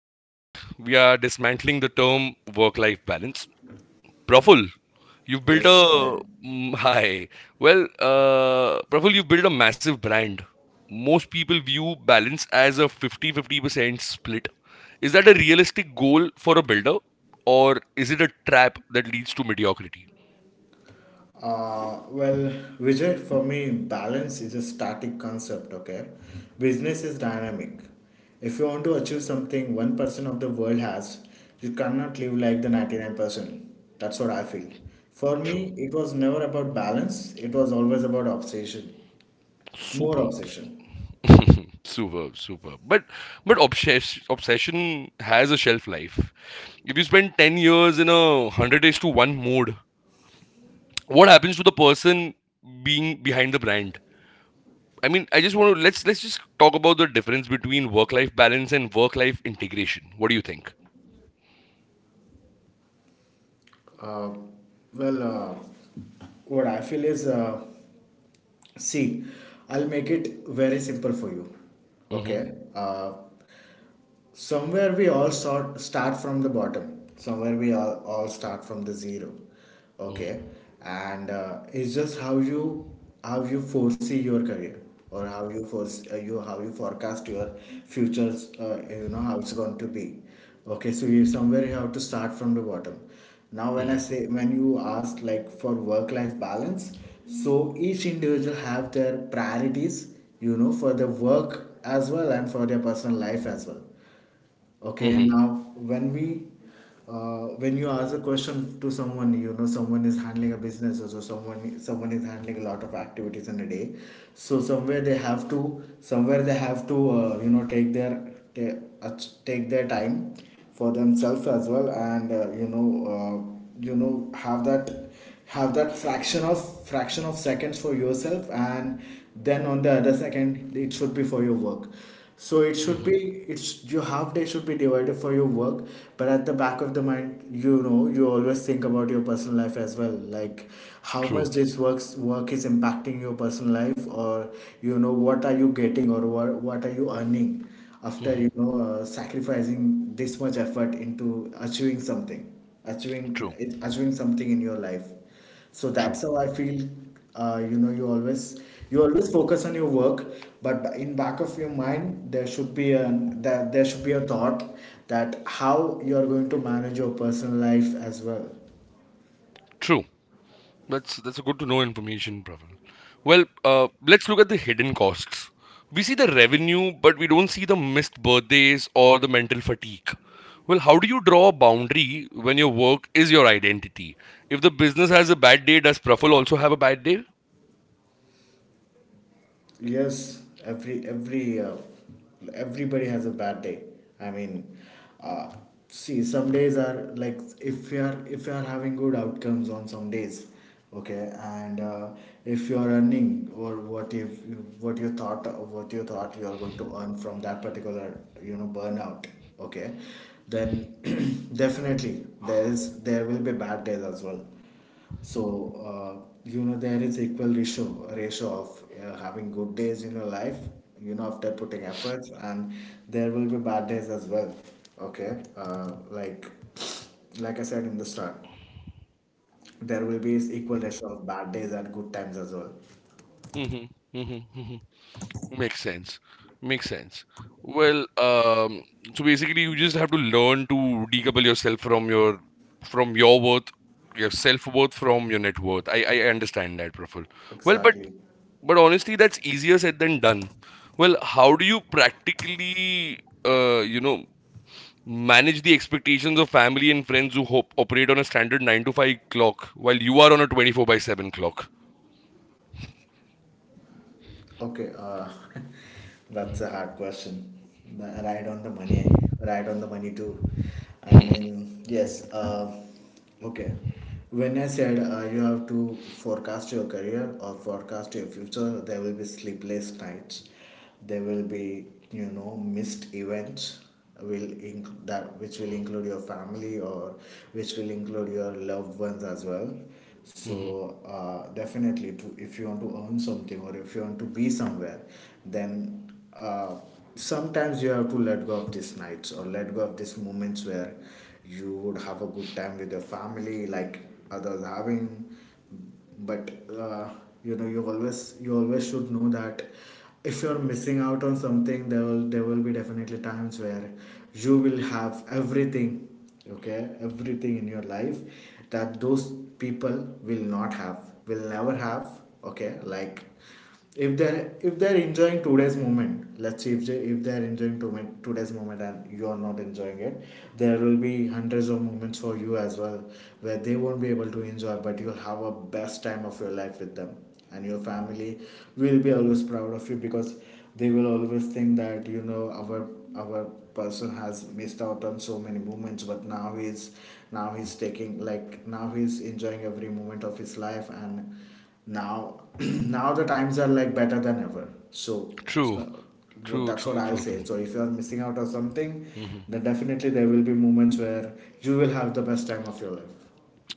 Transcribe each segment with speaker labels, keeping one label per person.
Speaker 1: Today we are dismantling the term work life balance. Praful, you've built
Speaker 2: Yes,
Speaker 1: a.
Speaker 2: right.
Speaker 1: Hi. Well, Praful, you built a massive brand. Most people view balance as a 50-50 percent split. Is that a realistic goal for a builder or is it a trap that leads to mediocrity?
Speaker 2: Uh, well, Vijay, for me, balance is a static concept, okay? Business is dynamic. If you want to achieve something 1% of the world has, you cannot live like the 99%. That's what I feel. For
Speaker 1: True.
Speaker 2: me, it was never about balance, it was always about obsession, more
Speaker 1: Super.
Speaker 2: obsession.
Speaker 1: Super, super, But obsession has a shelf life. If you spend 10 years in 100 days to one mode, what happens to the person being behind the brand? I mean, I just want to Let's just talk about the difference between work life balance and work life integration. What do you think?
Speaker 2: Uh, well, uh, what I feel is, see, I'll make it very simple for you.
Speaker 1: hmm
Speaker 2: Okay. Somewhere we start from the bottom, somewhere we all start from the zero, okay,
Speaker 1: hmm
Speaker 2: and it's just how you foresee your career, or how you forecast your futures, you know, how it's going to be. Okay, so you somewhere you have to start from the bottom. Now when I
Speaker 1: hmm
Speaker 2: say when you ask like for work life balance, so each individual have their priorities, you know, for their work as well and for their personal life as well. Okay,
Speaker 1: hmm
Speaker 2: now when you ask a question to someone, you know, someone is handling a business, or someone is handling a lot of activities in a day. So somewhere they have to, you know, uh, take their time for themselves as well, and you know, have that fraction of seconds for yourself, and then on the other second it should be for your work. So it should
Speaker 1: hmm
Speaker 2: be, it's your half day should be divided for your work, but at the back of the mind, you know, you always think about your personal life as well, like how
Speaker 1: True.
Speaker 2: much this work is impacting your personal life, or you know, what are you getting, or what are you earning after,
Speaker 1: hmm
Speaker 2: you know, sacrificing this much effort into achieving something, achieving
Speaker 1: True.
Speaker 2: achieving something in your life. So
Speaker 1: True.
Speaker 2: that's how I feel. You know, you always, you always focus on your work, but in back of your mind there should be an that there should be a thought that how you are going to manage your personal life as well.
Speaker 1: True. That's a good to know information, Pravin. Well, let's look at the hidden costs. We see the revenue, but we don't see the missed birthdays or the mental fatigue. Well, how do you draw a boundary when your work is your identity? If the business has a bad day, does Praful also have a bad day?
Speaker 2: Yes, everybody has a bad day. I mean, uh, see, some days are like, if you are, if you are having good outcomes on some days, okay, and if you are earning, or what if, what you thought what you thought you are going to earn from that particular, you know, burnout, okay, then definitely there is, there will be bad days as well. So you know, there is equal ratio of, having good days in your life, you know, after putting efforts, and there will be bad days as well. Okay, like I said in the start, there will be equal ratio of bad days and good times as well.
Speaker 1: hmm hmm Makes sense. Makes sense. Well, so basically, you just have to learn to decouple yourself from your worth, your self worth from your net worth. I understand that, Praful. Well, but
Speaker 2: Exactly.
Speaker 1: but honestly, that's easier said than done. Well, how do you practically, uh, you know, manage the expectations of family and friends who hope, operate on a standard nine to five clock while you are on a 24 by seven clock?
Speaker 2: Okay, that's a hard question. But right on the money. Right on the money too. I mean, yes. Okay. When I said, you have to forecast your career or forecast your future, there will be sleepless nights, there will be, you know, missed events, will inc- that which will include your family, or which will include your loved ones as well.
Speaker 1: Mhm.
Speaker 2: So definitely, if you want to earn something, or if you want to be somewhere, then uh, sometimes you have to let go of these nights, or let go of these moments where you would have a good time with your family, like others having. But uh, you know, you always should know that if you're missing out on something, there will be definitely times where you will have everything, okay, everything in your life, that those people will not have, will never have. Okay, like if they're enjoying today's moment, let's say if they're enjoying today's moment and you're not enjoying it, there will be hundreds of moments for you as well, where they won't be able to enjoy but you'll have a best time of your life with them, and your family will be always proud of you, because they will always think that, you know, our person has missed out on so many moments, but now he's, now he's taking, like, now he's enjoying every moment of his life, and now, now the times are like better than ever. So,
Speaker 1: True.
Speaker 2: so
Speaker 1: True.
Speaker 2: that's what
Speaker 1: True.
Speaker 2: I'll
Speaker 1: True.
Speaker 2: say,
Speaker 1: True.
Speaker 2: so if you're missing out on something,
Speaker 1: Mhm.
Speaker 2: then definitely there will be moments where you will have the best time of your life.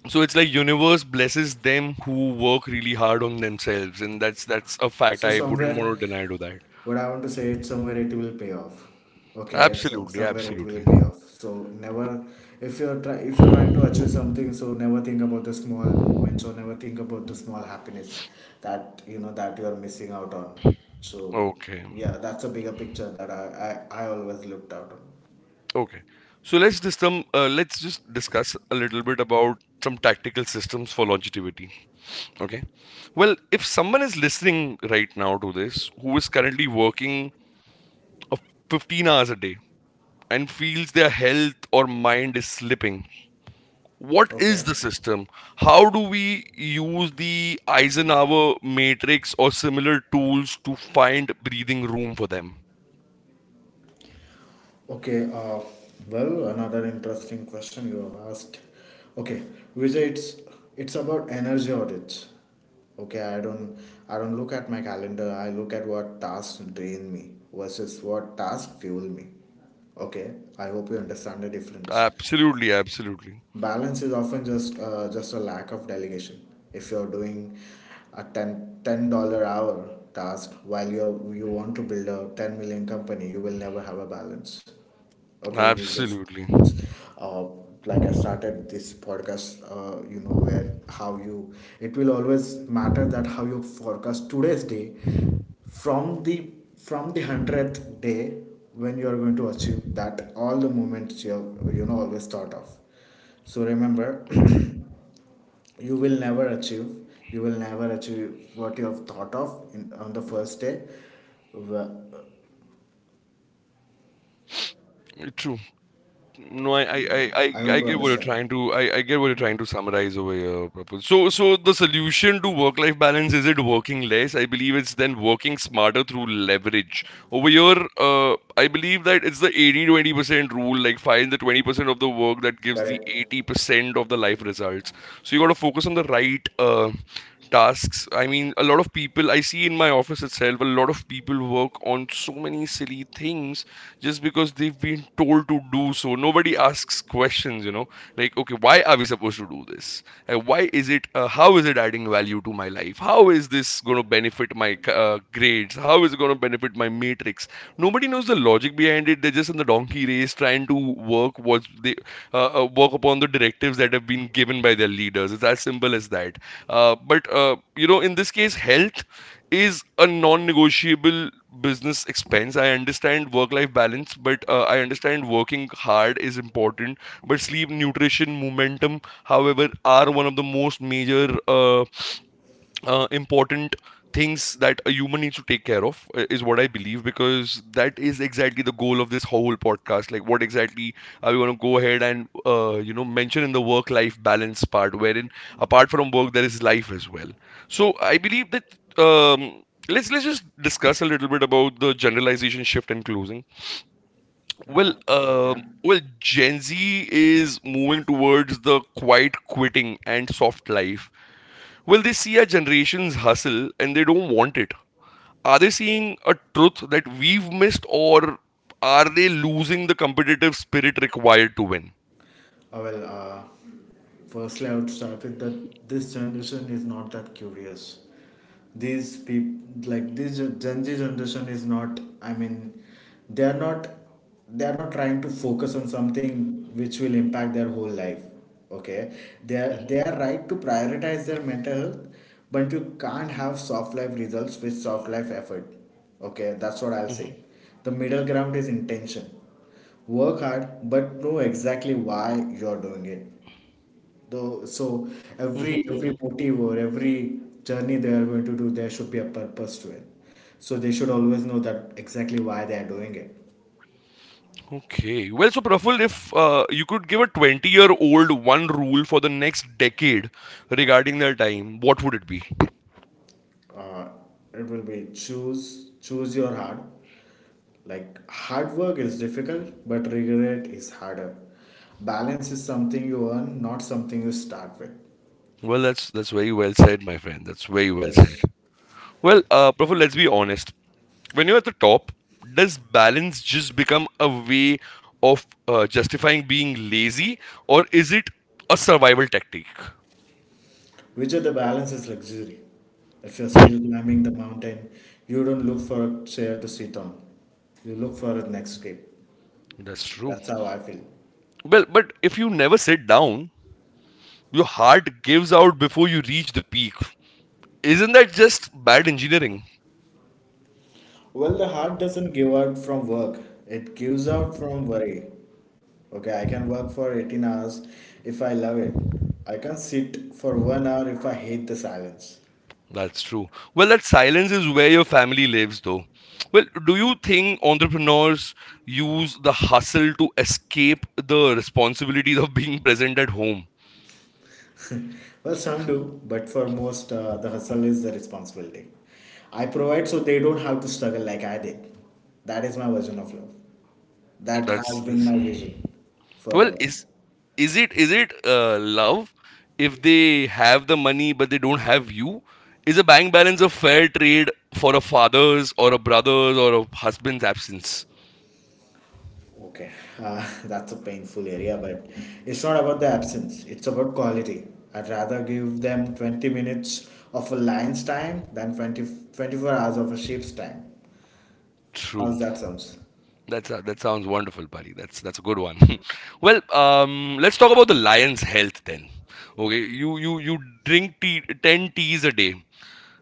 Speaker 1: So it's like universe blesses them who work really hard on themselves, and that's a fact.
Speaker 2: So
Speaker 1: I wouldn't
Speaker 2: somewhere,
Speaker 1: want to deny to that.
Speaker 2: what I want to say is, somewhere it will pay off. Okay, so
Speaker 1: Absolutely,
Speaker 2: somewhere it will
Speaker 1: absolutely.
Speaker 2: pay off. So never, if you're trying to achieve something, so never think about the small moments, or never think about the small happiness that, you know, that you are missing out on. So
Speaker 1: Okay,
Speaker 2: yeah, that's a bigger picture that I always looked out on.
Speaker 1: okay, so let's just discuss a little bit about some tactical systems for longevity. Okay, well, if someone is listening right now to this who is currently working a 15 hours a day and feels their health or mind is slipping, what
Speaker 2: Okay.
Speaker 1: is the system? How do we use the Eisenhower matrix or similar tools to find breathing room for them?
Speaker 2: Okay, well, another interesting question you have asked. Okay, Vijay, it's about energy audits. Okay, I don't look at my calendar. I look at what tasks drain me versus what tasks fuel me. Okay, I hope you understand the difference.
Speaker 1: Absolutely, absolutely,
Speaker 2: Balance is often just a lack of delegation. If you're doing a ten-dollar hour task while you want to build a 10 million company, you will never have a balance, okay. You just,
Speaker 1: absolutely.
Speaker 2: uh, like I started this podcast, you know, where how you, it will always matter that how you forecast today's day from the 100th day, when you are going to achieve that, all the moments you have, you know, always thought of. So remember, you will never achieve. You will never achieve what you have thought of on the first day. Wh-
Speaker 1: True. No, I, I, I,
Speaker 2: I
Speaker 1: I
Speaker 2: hope
Speaker 1: I
Speaker 2: you
Speaker 1: get what you're
Speaker 2: understand.
Speaker 1: trying to. I get what you're trying to summarize over here, Prabhu. So so the solution to work life balance is it working less? I believe it's then working smarter through leverage. Over here, I believe that it's the 80-20 percent rule, like find the 20% of the work that gives the
Speaker 2: Correct.
Speaker 1: 80% of the life results. So you got to focus on the right tasks. I mean, a lot of people I see in my office itself, a lot of people work on so many silly things just because they've been told to do so. Nobody asks questions, you know, like okay, why are we supposed to do this? Why is it, how is it adding value to my life? How is this going to benefit my grades? How is it going to benefit my matrix? Nobody knows the logic behind it. They're just in the donkey race trying to work what they work upon, the directives that have been given by their leaders. It's as simple as that. But in this case, health is a non-negotiable business expense. I understand work-life balance, but I understand working hard is important. But sleep, nutrition, momentum, however, are one of the most major important things that a human needs to take care of, is what I believe, because that is exactly the goal of this whole podcast. Like, what exactly are we going to go ahead and mention in the work life balance part, wherein apart from work there is life as well? So I believe that, let's just discuss a little bit about the generalization shift and closing.
Speaker 2: Uh,
Speaker 1: Well,
Speaker 2: Okay.
Speaker 1: well, Gen Z is moving towards the quiet quitting and soft life. Will they see our generation's hustle and they don't want it? Are they seeing a truth that we've missed, or are they losing the competitive spirit required to win?
Speaker 2: I will. Firstly, I would start with that this generation is not that curious. These people, like this Gen Z generation, is not. I mean, they are not. They are not trying to focus on something which will impact their whole life. Okay, they are right to prioritize their mental health, but you can't have soft life results with soft life effort. Okay, that's what I'll
Speaker 1: Mhm,
Speaker 2: say.
Speaker 1: mhm,
Speaker 2: The middle ground is intention. Work hard, but know exactly why you're doing it. Though, so
Speaker 1: mhm,
Speaker 2: every
Speaker 1: mhm.
Speaker 2: motive or every journey they are going to do, there should be a purpose to it. So they should always know that exactly why they are doing it.
Speaker 1: Okay. Well, so Praful, if you could give a 20-year-old one rule for the next decade regarding their time, what would it be?
Speaker 2: Uh, it will be, choose your heart. Like, hard work is difficult, but regret is harder. Balance is something you earn, not something you start with.
Speaker 1: Well, that's very well said, my friend. That's very well said.
Speaker 2: Yes.
Speaker 1: Well, Praful, let's be honest. When you're at the top, does balance just become a way of justifying being lazy, or is it a survival tactic?
Speaker 2: Vijay, the balance is luxury. If you're still climbing the mountain, you don't look for a chair to sit on. You look for a next grip.
Speaker 1: That's true.
Speaker 2: That's how I feel.
Speaker 1: Well, but if you never sit down, your heart gives out before you reach the peak. Isn't that just bad engineering?
Speaker 2: Well, the heart doesn't give out from work, it gives out from worry. Okay, I can work for 18 hours if I love it. I can sit for 1 hour if I hate the silence.
Speaker 1: That's true. Well, that silence is where your family lives, though. Well, do you think entrepreneurs use the hustle to escape the responsibilities of being present at home?
Speaker 2: Well, some do, but for most, the hustle is the responsibility. I provide so they don't have to struggle like I did. That is my version of love. That
Speaker 1: That's.
Speaker 2: has been my vision
Speaker 1: Well,
Speaker 2: forever.
Speaker 1: is it love if they have the money but they don't have you? Is a bank balance a fair trade for a father's or a brother's or a husband's absence?
Speaker 2: Okay, that's a painful area, but it's not about the absence, it's about quality. I'd rather give them 20 minutes of a lion's time than 20 24 hours of a sheep's time.
Speaker 1: True.
Speaker 2: How's that sounds?
Speaker 1: That's a, that sounds wonderful, buddy. That's a good one. Well, let's talk about the lion's health then. Okay, you drink tea, 10 teas a day,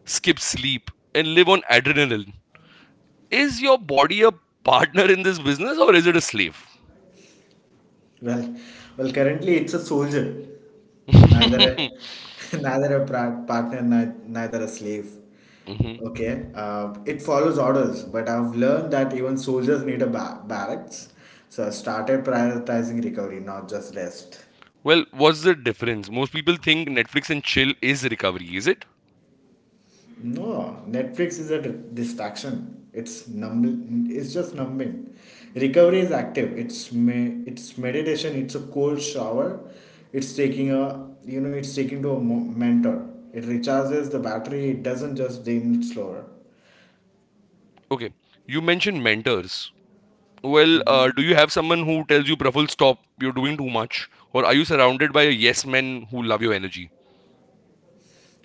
Speaker 1: skip sleep, and live on adrenaline. Is your body a partner in this business or is it a slave?
Speaker 2: Well, well, currently it's a soldier, neither a, neither a partner, neither a slave.
Speaker 1: Mhm.
Speaker 2: Okay, it follows orders, but I've learned that even soldiers need a barracks, so I started prioritizing recovery, not just rest.
Speaker 1: Well, what's the difference? Most people think Netflix and chill is recovery, is it?
Speaker 2: No, Netflix is a distraction. It's numb. It's just numbing. Recovery is active. It's me. It's meditation. It's a cold shower. It's taking a you know. It's taking to a mentor. It recharges the battery. It doesn't just dim slower.
Speaker 1: Okay. You mentioned mentors. Well, do you have someone who tells you, Praful, stop, you're doing too much? Or are you surrounded by yes men who love your energy?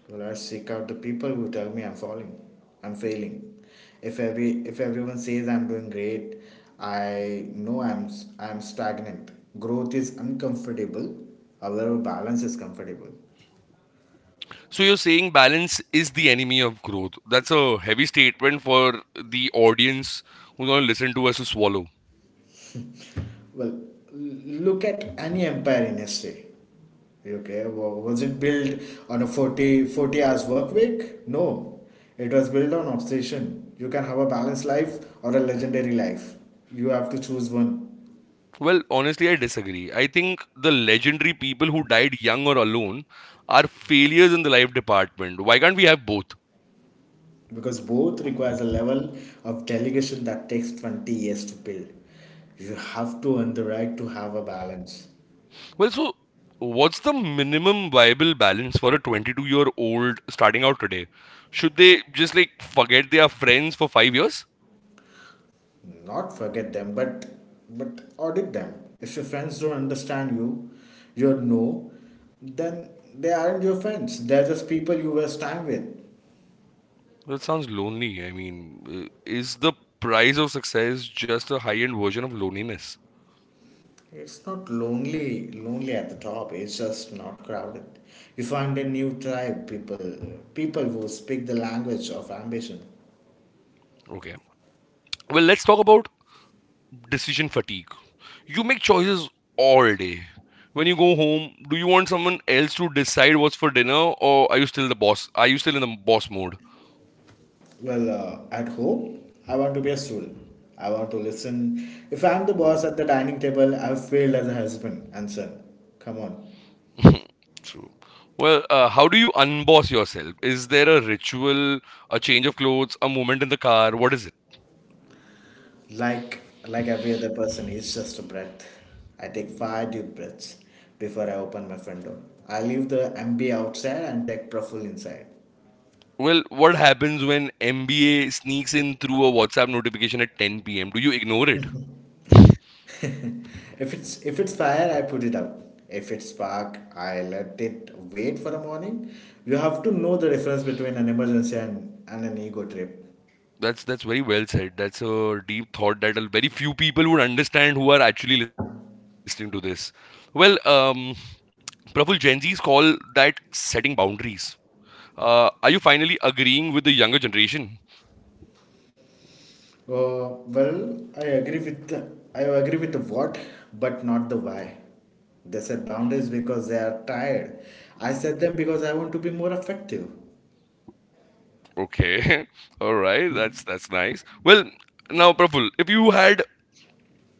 Speaker 2: Well, I seek out the people who tell me I'm falling, I'm failing. If every if everyone says I'm doing great, I know I'm stagnant. Growth is uncomfortable. However, balance is comfortable.
Speaker 1: So you're saying balance is the enemy of growth. That's a heavy statement for the audience who's going to listen to us to swallow.
Speaker 2: Well, look at any empire in history. Okay, was it built on a 40 hours work week? No, it was built on obsession. You can have a balanced life or a legendary life. You have to choose one.
Speaker 1: Well, honestly, I disagree. I think the legendary people who died young or alone are failures in the life department. Why can't we have both?
Speaker 2: Because both requires a level of delegation that takes 20 years to build. You have to earn the right to have a balance.
Speaker 1: Well, so what's the minimum viable balance for a 22-year-old starting out today? Should they just like forget they are friends for 5 years?
Speaker 2: Not forget them, but audit them. If your friends don't understand you, your no, then they aren't your friends. They're just people you waste time with.
Speaker 1: Well, it sounds lonely. I mean, is the price of success just a high end version of loneliness?
Speaker 2: It's not lonely at the top. It's just not crowded. You find a new tribe, people who speak the language of ambition.
Speaker 1: Okay. Well, let's talk about decision fatigue. You make choices all day. When you go home, do you want someone else to decide what's for dinner, or are you still the boss? Are you still in the boss mode?
Speaker 2: Well, at home, I want to be a student. I want to listen. If I'm the boss at the dining table, I've failed as a husband and son. Come on.
Speaker 1: True. Well, how do you unboss yourself? Is there a ritual, a change of clothes, a moment in the car? What is it?
Speaker 2: Like like every other person, it's just a breath. I take five deep breaths before I open my front door. I leave the MB outside and take profile inside.
Speaker 1: Well, what happens when MBA sneaks in through a WhatsApp notification at 10 p.m.? Do you ignore it?
Speaker 2: If it's fire, I put it out. If it's spark, I let it wait for the morning. You have to know the difference between an emergency and an ego trip.
Speaker 1: That's very well said. That's a deep thought that a very few people would understand who are actually listening to this. Well, Praful, Gen Z's call that setting boundaries. Are you finally agreeing with the younger generation?
Speaker 2: Well, I agree with the what, but not the why. They set boundaries because they are tired. I set them because I want to be more effective.
Speaker 1: Okay. All right. That's nice. Well, now, Praful, if you had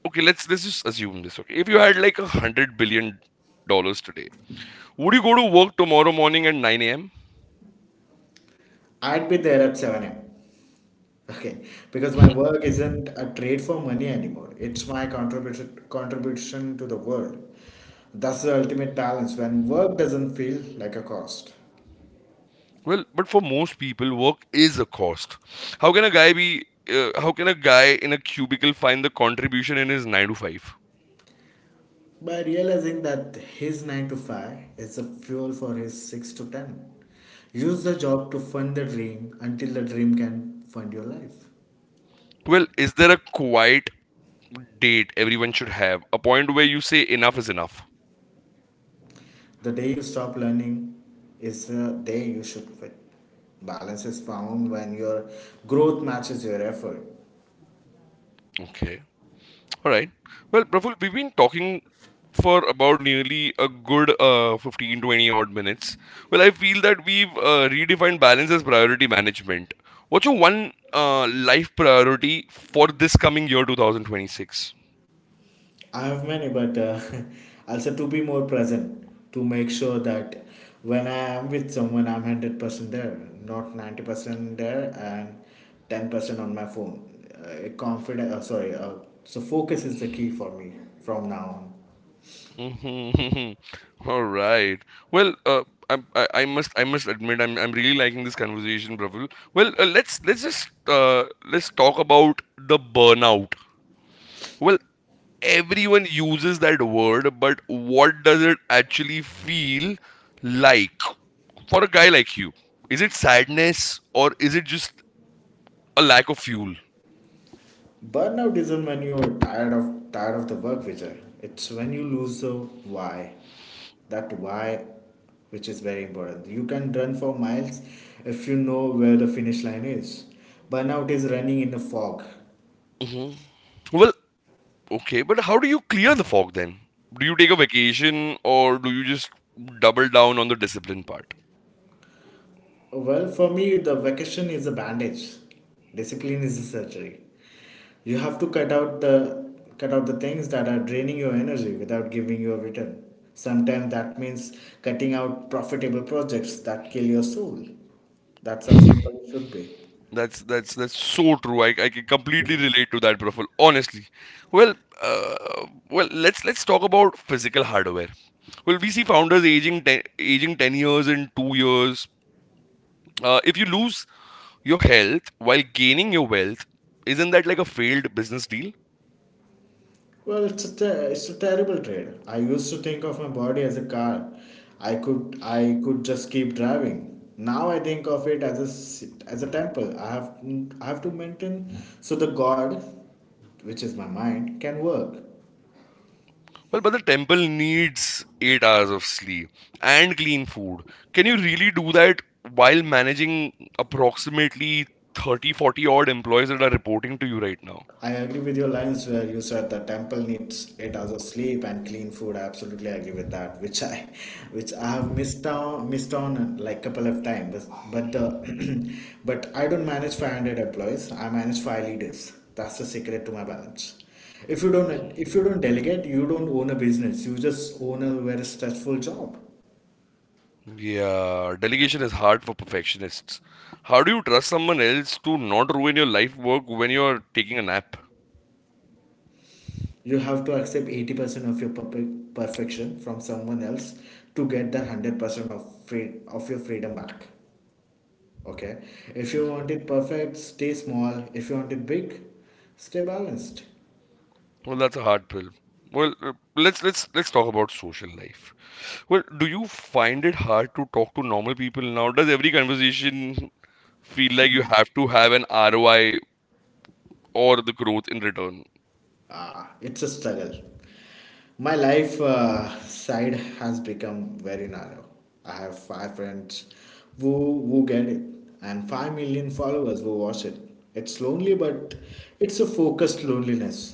Speaker 1: okay, let's just assume this, okay? If you had like $100 billion today, would you go to work tomorrow morning at 9 a.m.?
Speaker 2: I'd be there at 7 a.m. Okay, because my work isn't a trade for money anymore. It's my contribution to the world. That's the ultimate balance when work doesn't feel like a cost.
Speaker 1: Well, but for most people, work is a cost. How can a guy be how can a guy in a cubicle find the contribution in his 9 to 5?
Speaker 2: By realizing that his 9 to 5 is the fuel for his 6 to 10. Use the job to fund the dream until the dream can fund your life.
Speaker 1: Well, is there a quiet date everyone should have? A point where you say enough is enough.
Speaker 2: The day you stop learning is the day you should quit. Balance is found when your growth matches your effort.
Speaker 1: Okay. All right. Well, Praful, we've been talking for about nearly a good 15-20 odd minutes. Well, I feel that we've redefined balance as priority management. What's your one life priority for this coming year 2026?
Speaker 2: I have many, but I to be more present to make sure that when I am with someone, I'm 100% there, not 90% there, and 10% on my phone. Confident, sorry. So focus is the key for me from now on.
Speaker 1: Mhm. All right. Well, I must admit I'm really liking this conversation, Rahul. Well, uh, let's talk about the burnout. Well, everyone uses that word, but what does it actually feel like for a guy like you? Is it sadness or is it just a lack of fuel?
Speaker 2: Burnout isn't when you're tired of the work, Vijay. It's when you lose the why. That why, which is very important. You can run for miles if you know where the finish line is. Burnout is running in the fog.
Speaker 1: hmm Well, okay, but how do you clear the fog then? Do you take a vacation or do you just double down on the discipline part?
Speaker 2: Well, for me, the vacation is a bandage. Discipline is a surgery. You have to cut out the things that are draining your energy without giving you a return. Sometimes that means cutting out profitable projects that kill your soul. That's how simple it should be.
Speaker 1: That's so true. I can completely relate to that, Praful. Honestly, well, uh, let's talk about physical hardware. Will we see founders aging 10, aging 10 years in 2 years? If you lose your health while gaining your wealth, isn't that like a failed business deal?
Speaker 2: Well, it's a terrible trade. I used to think of my body as a car. I could just keep driving. Now I think of it as as a temple. I have to maintain so the God, which is my mind, can work.
Speaker 1: Well, but the temple needs 8 hours of sleep and clean food. Can you really do that while managing approximately 30-40 odd employees that are reporting to you right now?
Speaker 2: I agree with your lines where you said the temple needs 8 hours of sleep and clean food. I absolutely agree with that, which I have missed on like couple of times. But, but the, but I don't manage 500 employees. I manage five leaders. That's the secret to my balance. If you don't delegate, you don't own a business. You just own a very stressful job.
Speaker 1: Yeah, delegation is hard for perfectionists. How do you trust someone else to not ruin your life work when you're taking a nap?
Speaker 2: You have to accept 80% of your perfection from someone else to get the 100% of your freedom back. Okay. If you want it perfect, stay small. If you want it big, stay balanced.
Speaker 1: Well, that's a hard pill. Well, let's talk about social life. Well, do you find it hard to talk to normal people now? Does every conversation feel like you have to have an ROI or the growth in return?
Speaker 2: Ah, it's a struggle. My life side has become very narrow. I have five friends who who get it, and 5 million followers who watch it. It's lonely, but it's a focused loneliness.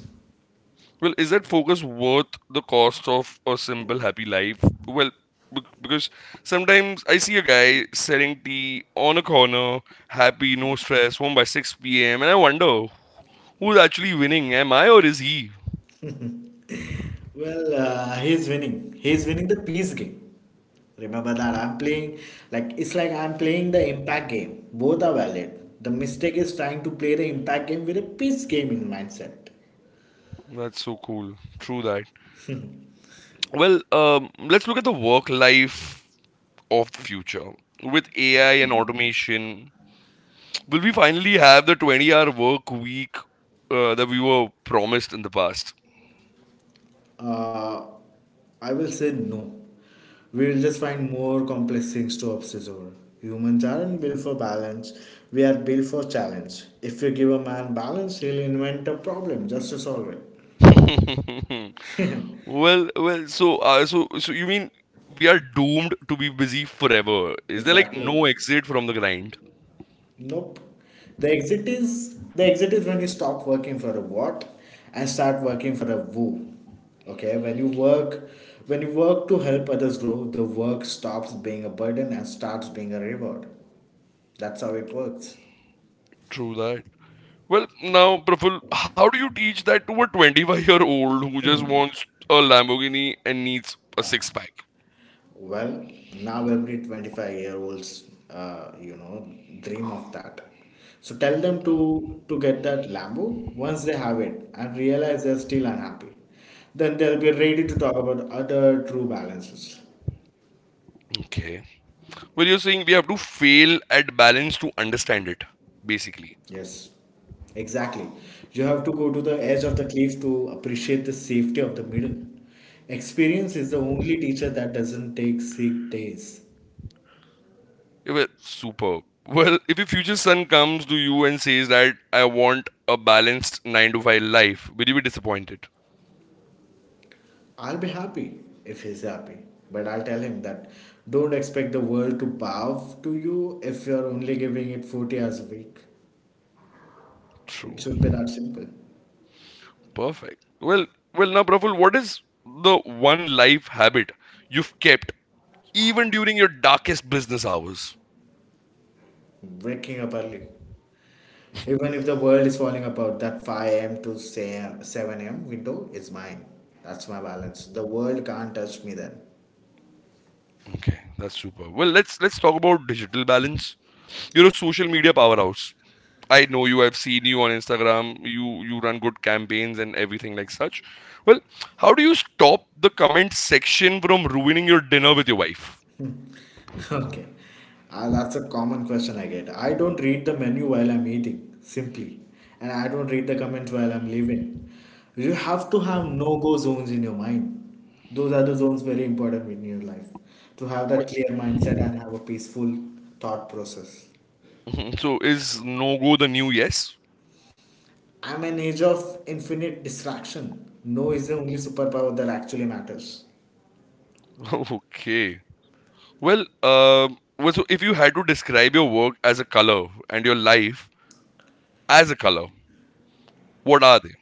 Speaker 1: Well, is that focus worth the cost of a simple happy life? Well, because sometimes I see a guy selling tea on a corner, happy, no stress, home by 6 p.m., and I wonder who's actually winning. Am I or is he?
Speaker 2: Well, he's winning. He's winning the peace game. Remember that I'm playing like it's like I'm playing the impact game. Both are valid. The mistake is trying to play the impact game with a peace game in mindset.
Speaker 1: That's so cool. True. Well, let's look at the work life of the future. With AI and automation, will we finally have the 20-hour work week that we were promised in the past?
Speaker 2: Uh, I will say no. We will just find more complex things to obsess over. Humans aren't built for balance. We are built for challenge. If you give a man balance, he'll invent a problem just to solve it.
Speaker 1: So you mean we are doomed to be busy forever? Is there like
Speaker 2: Exactly.
Speaker 1: no exit from the grind?
Speaker 2: Nope. The exit is when you stop working for a what and start working for a who. Okay, when you work to help others grow, the work stops being a burden and starts being a reward. That's how it works.
Speaker 1: True that. Well, now, Praful, how do you teach that to a 25-year-old who just wants a Lamborghini and needs a six pack?
Speaker 2: Well, now every 25-year-olds dream of that. So tell them to get that Lambo once they have it and realize they're still unhappy. Then they'll be ready to talk about other true balances.
Speaker 1: Okay. Well, you're saying we have to fail at balance to understand it, basically.
Speaker 2: Yes, exactly. You have to go to the edge of the cliff to appreciate the safety of the middle. Experience is the only teacher that doesn't take sick days.
Speaker 1: Yeah, well, superb. Well, if your future son comes to you and says that I want a balanced nine to five life, will you be disappointed?
Speaker 2: I'll be happy if he's happy, but I'll tell him that don't expect the world to bow to you if you're only giving it 40 hours a week. It
Speaker 1: True.
Speaker 2: should be that simple.
Speaker 1: Perfect. Well, now, Praful, what is the one life habit you've kept even during your darkest business hours?
Speaker 2: Waking up early. Even if the world is falling apart, that 5 a.m. to say 7 a.m. window is mine. That's my balance. The world can't touch me then.
Speaker 1: Okay, that's super. Well, let's talk about digital balance. You're a social media powerhouse. I know you. I've seen you on Instagram. You run good campaigns and everything like such. Well, how do you stop the comment section from ruining your dinner with your wife?
Speaker 2: Okay. That's a common question I get. I don't read the menu while I'm eating, simply. And I don't read the comments while I'm leaving. You have to have no go zones in your mind. Those are the zones very important in your life. To have
Speaker 1: Wh-
Speaker 2: that clear mindset and have a peaceful thought process.
Speaker 1: So is no go the new yes?
Speaker 2: I'm an age of infinite distraction. No is the only superpower that actually matters.
Speaker 1: Okay. Well, so if you had to describe your work as a color and your life as a color, what are they?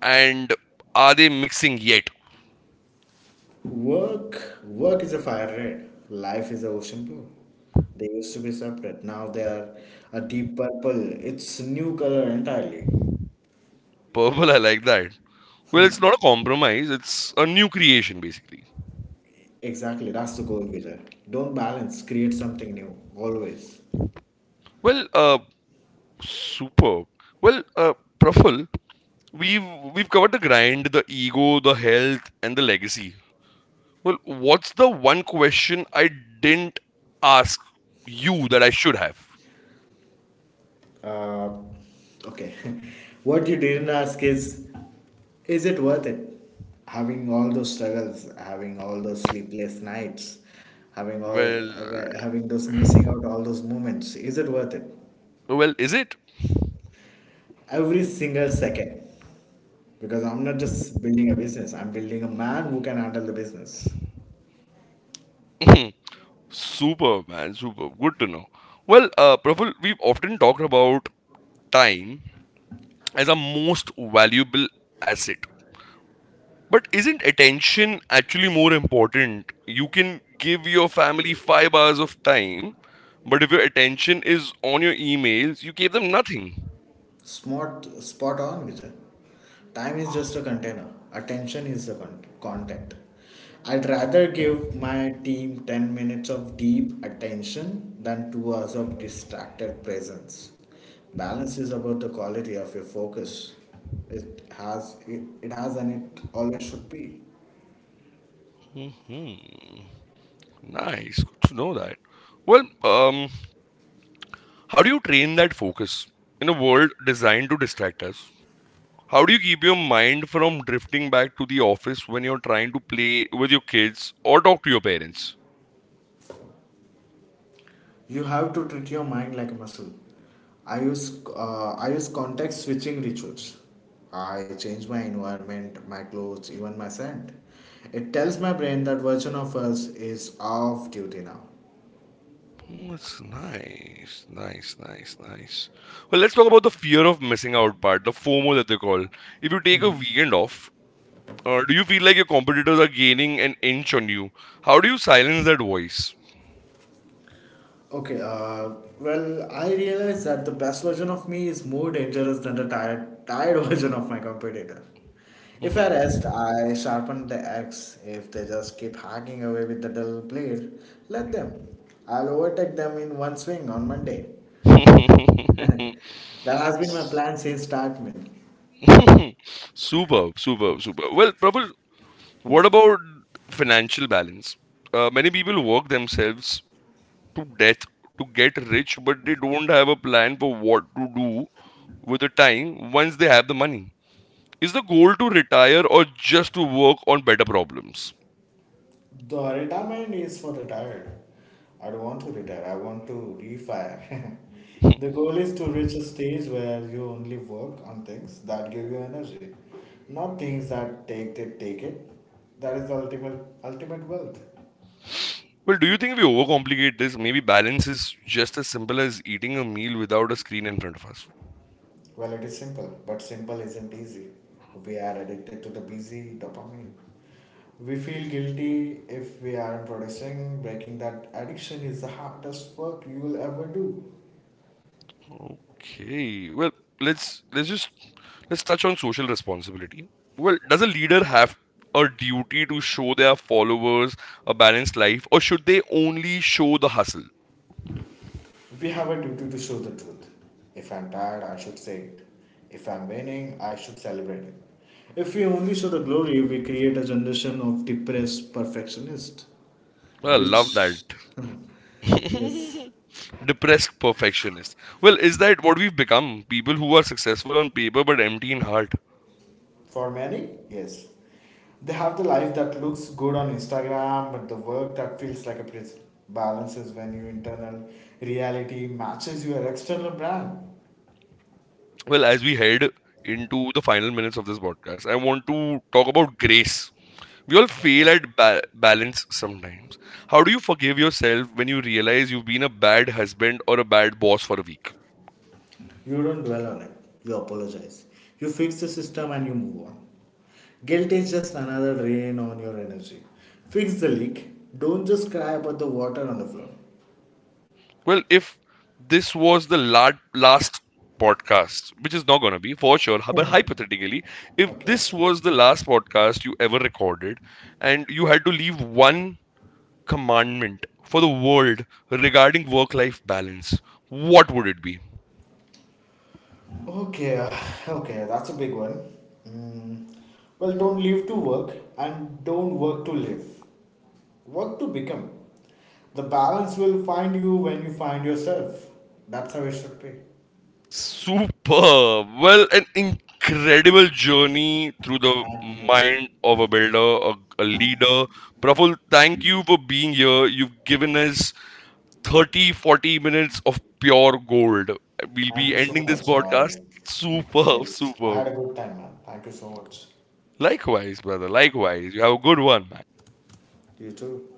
Speaker 1: And are they mixing yet?
Speaker 2: Work is a fire red. Life is a ocean blue. They used to be separate. Now they are a deep purple. It's new color entirely.
Speaker 1: Purple, I like that. Well, it's not a compromise, it's a new creation, basically.
Speaker 2: Exactly, that's the goal, Vijay. Don't balance. Create something new. Always.
Speaker 1: Well, superb. Well, Praful, we've we've covered the grind, the ego, the health, and the legacy. Well, what's the one question I didn't ask you that I should have?
Speaker 2: Uh, okay. What you didn't ask is it worth it? Having all those struggles, having all those sleepless nights, having all,
Speaker 1: Well,
Speaker 2: having those missing out all those moments. Is it worth it?
Speaker 1: well, is it?
Speaker 2: Every single second, because I'm not just building a business, I'm building a man who can handle the business.
Speaker 1: Super, man, super. Good to know. Well, Praful, we've often talked about time as our most valuable asset. But isn't attention actually more important? You can give your family 5 hours of time, but if your attention is on your emails, you gave them nothing.
Speaker 2: Smart, spot on, Vijay. Time is just a container, attention is the content. I'd rather give my team 10 minutes of deep attention than 2 hours of distracted presence. Balance is about the quality of your focus. It has, and it always should be.
Speaker 1: Hmm. Nice. Good to know that. Well, um, how do you train that focus in a world designed to distract us? How do you keep your mind from drifting back to the office when you're trying to play with your kids or talk to your parents?
Speaker 2: You have to treat your mind like a muscle. I use context switching rituals. I change my environment, my clothes, even my scent. It tells my brain that version of us is off duty now.
Speaker 1: Oh, it's nice, nice, nice, nice. Well, let's talk about the fear of missing out part, the FOMO that they call. If you take a weekend off, do you feel like your competitors are gaining an inch on you? How do you silence that voice?
Speaker 2: Okay, well, I realize that the best version of me is more dangerous than the tired version of my competitor. If I
Speaker 1: Mhm.
Speaker 2: rest, I sharpen the axe. If they just keep hacking away with the dull blade, let them. I'll overtake them in one swing on Monday. That has been my plan since start, man.
Speaker 1: Superb, superb, superb. Well, Prabal, what about financial balance? Many people work themselves to death to get rich, but they don't have a plan for what to do with the time once they have the money? Is the goal to retire or just to work on better problems?
Speaker 2: The retirement is for the tired. I don't want to retire. I want to refire.
Speaker 1: Hmm.
Speaker 2: The goal is to reach a stage where you only work on things that give you energy, not things that take it. That is the ultimate wealth.
Speaker 1: Well, do you think we overcomplicate this? Maybe balance is just as simple as eating a meal without a screen in front of us.
Speaker 2: Well, it is simple, but simple isn't easy. We are addicted to the busy dopamine. We feel guilty if we aren't producing. Breaking that addiction is the hardest work you will ever do.
Speaker 1: Okay. Well, let's let's just let's touch on social responsibility. Well, does a leader have a duty to show their followers a balanced life or should they only show the hustle?
Speaker 2: We have a duty to show the truth. If I'm tired, I should say it. If I'm winning, I should celebrate it. If we only show the glory, we create a generation of depressed perfectionists,
Speaker 1: Well, I love that.
Speaker 2: which, yes.
Speaker 1: Depressed perfectionists. Well, is that what we've become? People who are successful on paper but empty in heart.
Speaker 2: For many, yes. They have the life that looks good on Instagram, but the work that feels like a prison. Balance is when your internal reality matches your external brand.
Speaker 1: Well, as we head into the final minutes of this podcast, I want to talk about grace. We all fail at balance sometimes. How do you forgive yourself when you realize you've been a bad husband or a bad boss for a week?
Speaker 2: You don't dwell on it. You apologize. You fix the system and you move on. Guilt is just another drain on your energy. Fix the leak. Don't just cry about the water on the floor.
Speaker 1: Well, if this was the last podcast, which is not going to be for sure, but hypothetically, if
Speaker 2: Okay.
Speaker 1: this was the last podcast you ever recorded and you had to leave one commandment for the world regarding work life balance, what would it be?
Speaker 2: Okay. Okay. That's a big one. Mm. Well, don't live to work and don't work to live. Work to become. The balance will find you when you find yourself. That's how it should be.
Speaker 1: Super. Well, an incredible journey through the
Speaker 2: Thank you.
Speaker 1: mind of a builder, a leader. Praful, thank you for being here. You've given us 30, 40 minutes of pure gold. We'll
Speaker 2: Thank
Speaker 1: be
Speaker 2: you so
Speaker 1: ending this
Speaker 2: much.
Speaker 1: podcast. Superb,
Speaker 2: Yes, I
Speaker 1: superb.
Speaker 2: had a good time, man. Thank you so much.
Speaker 1: Likewise, brother. Likewise. You have a good one, man.
Speaker 2: You too.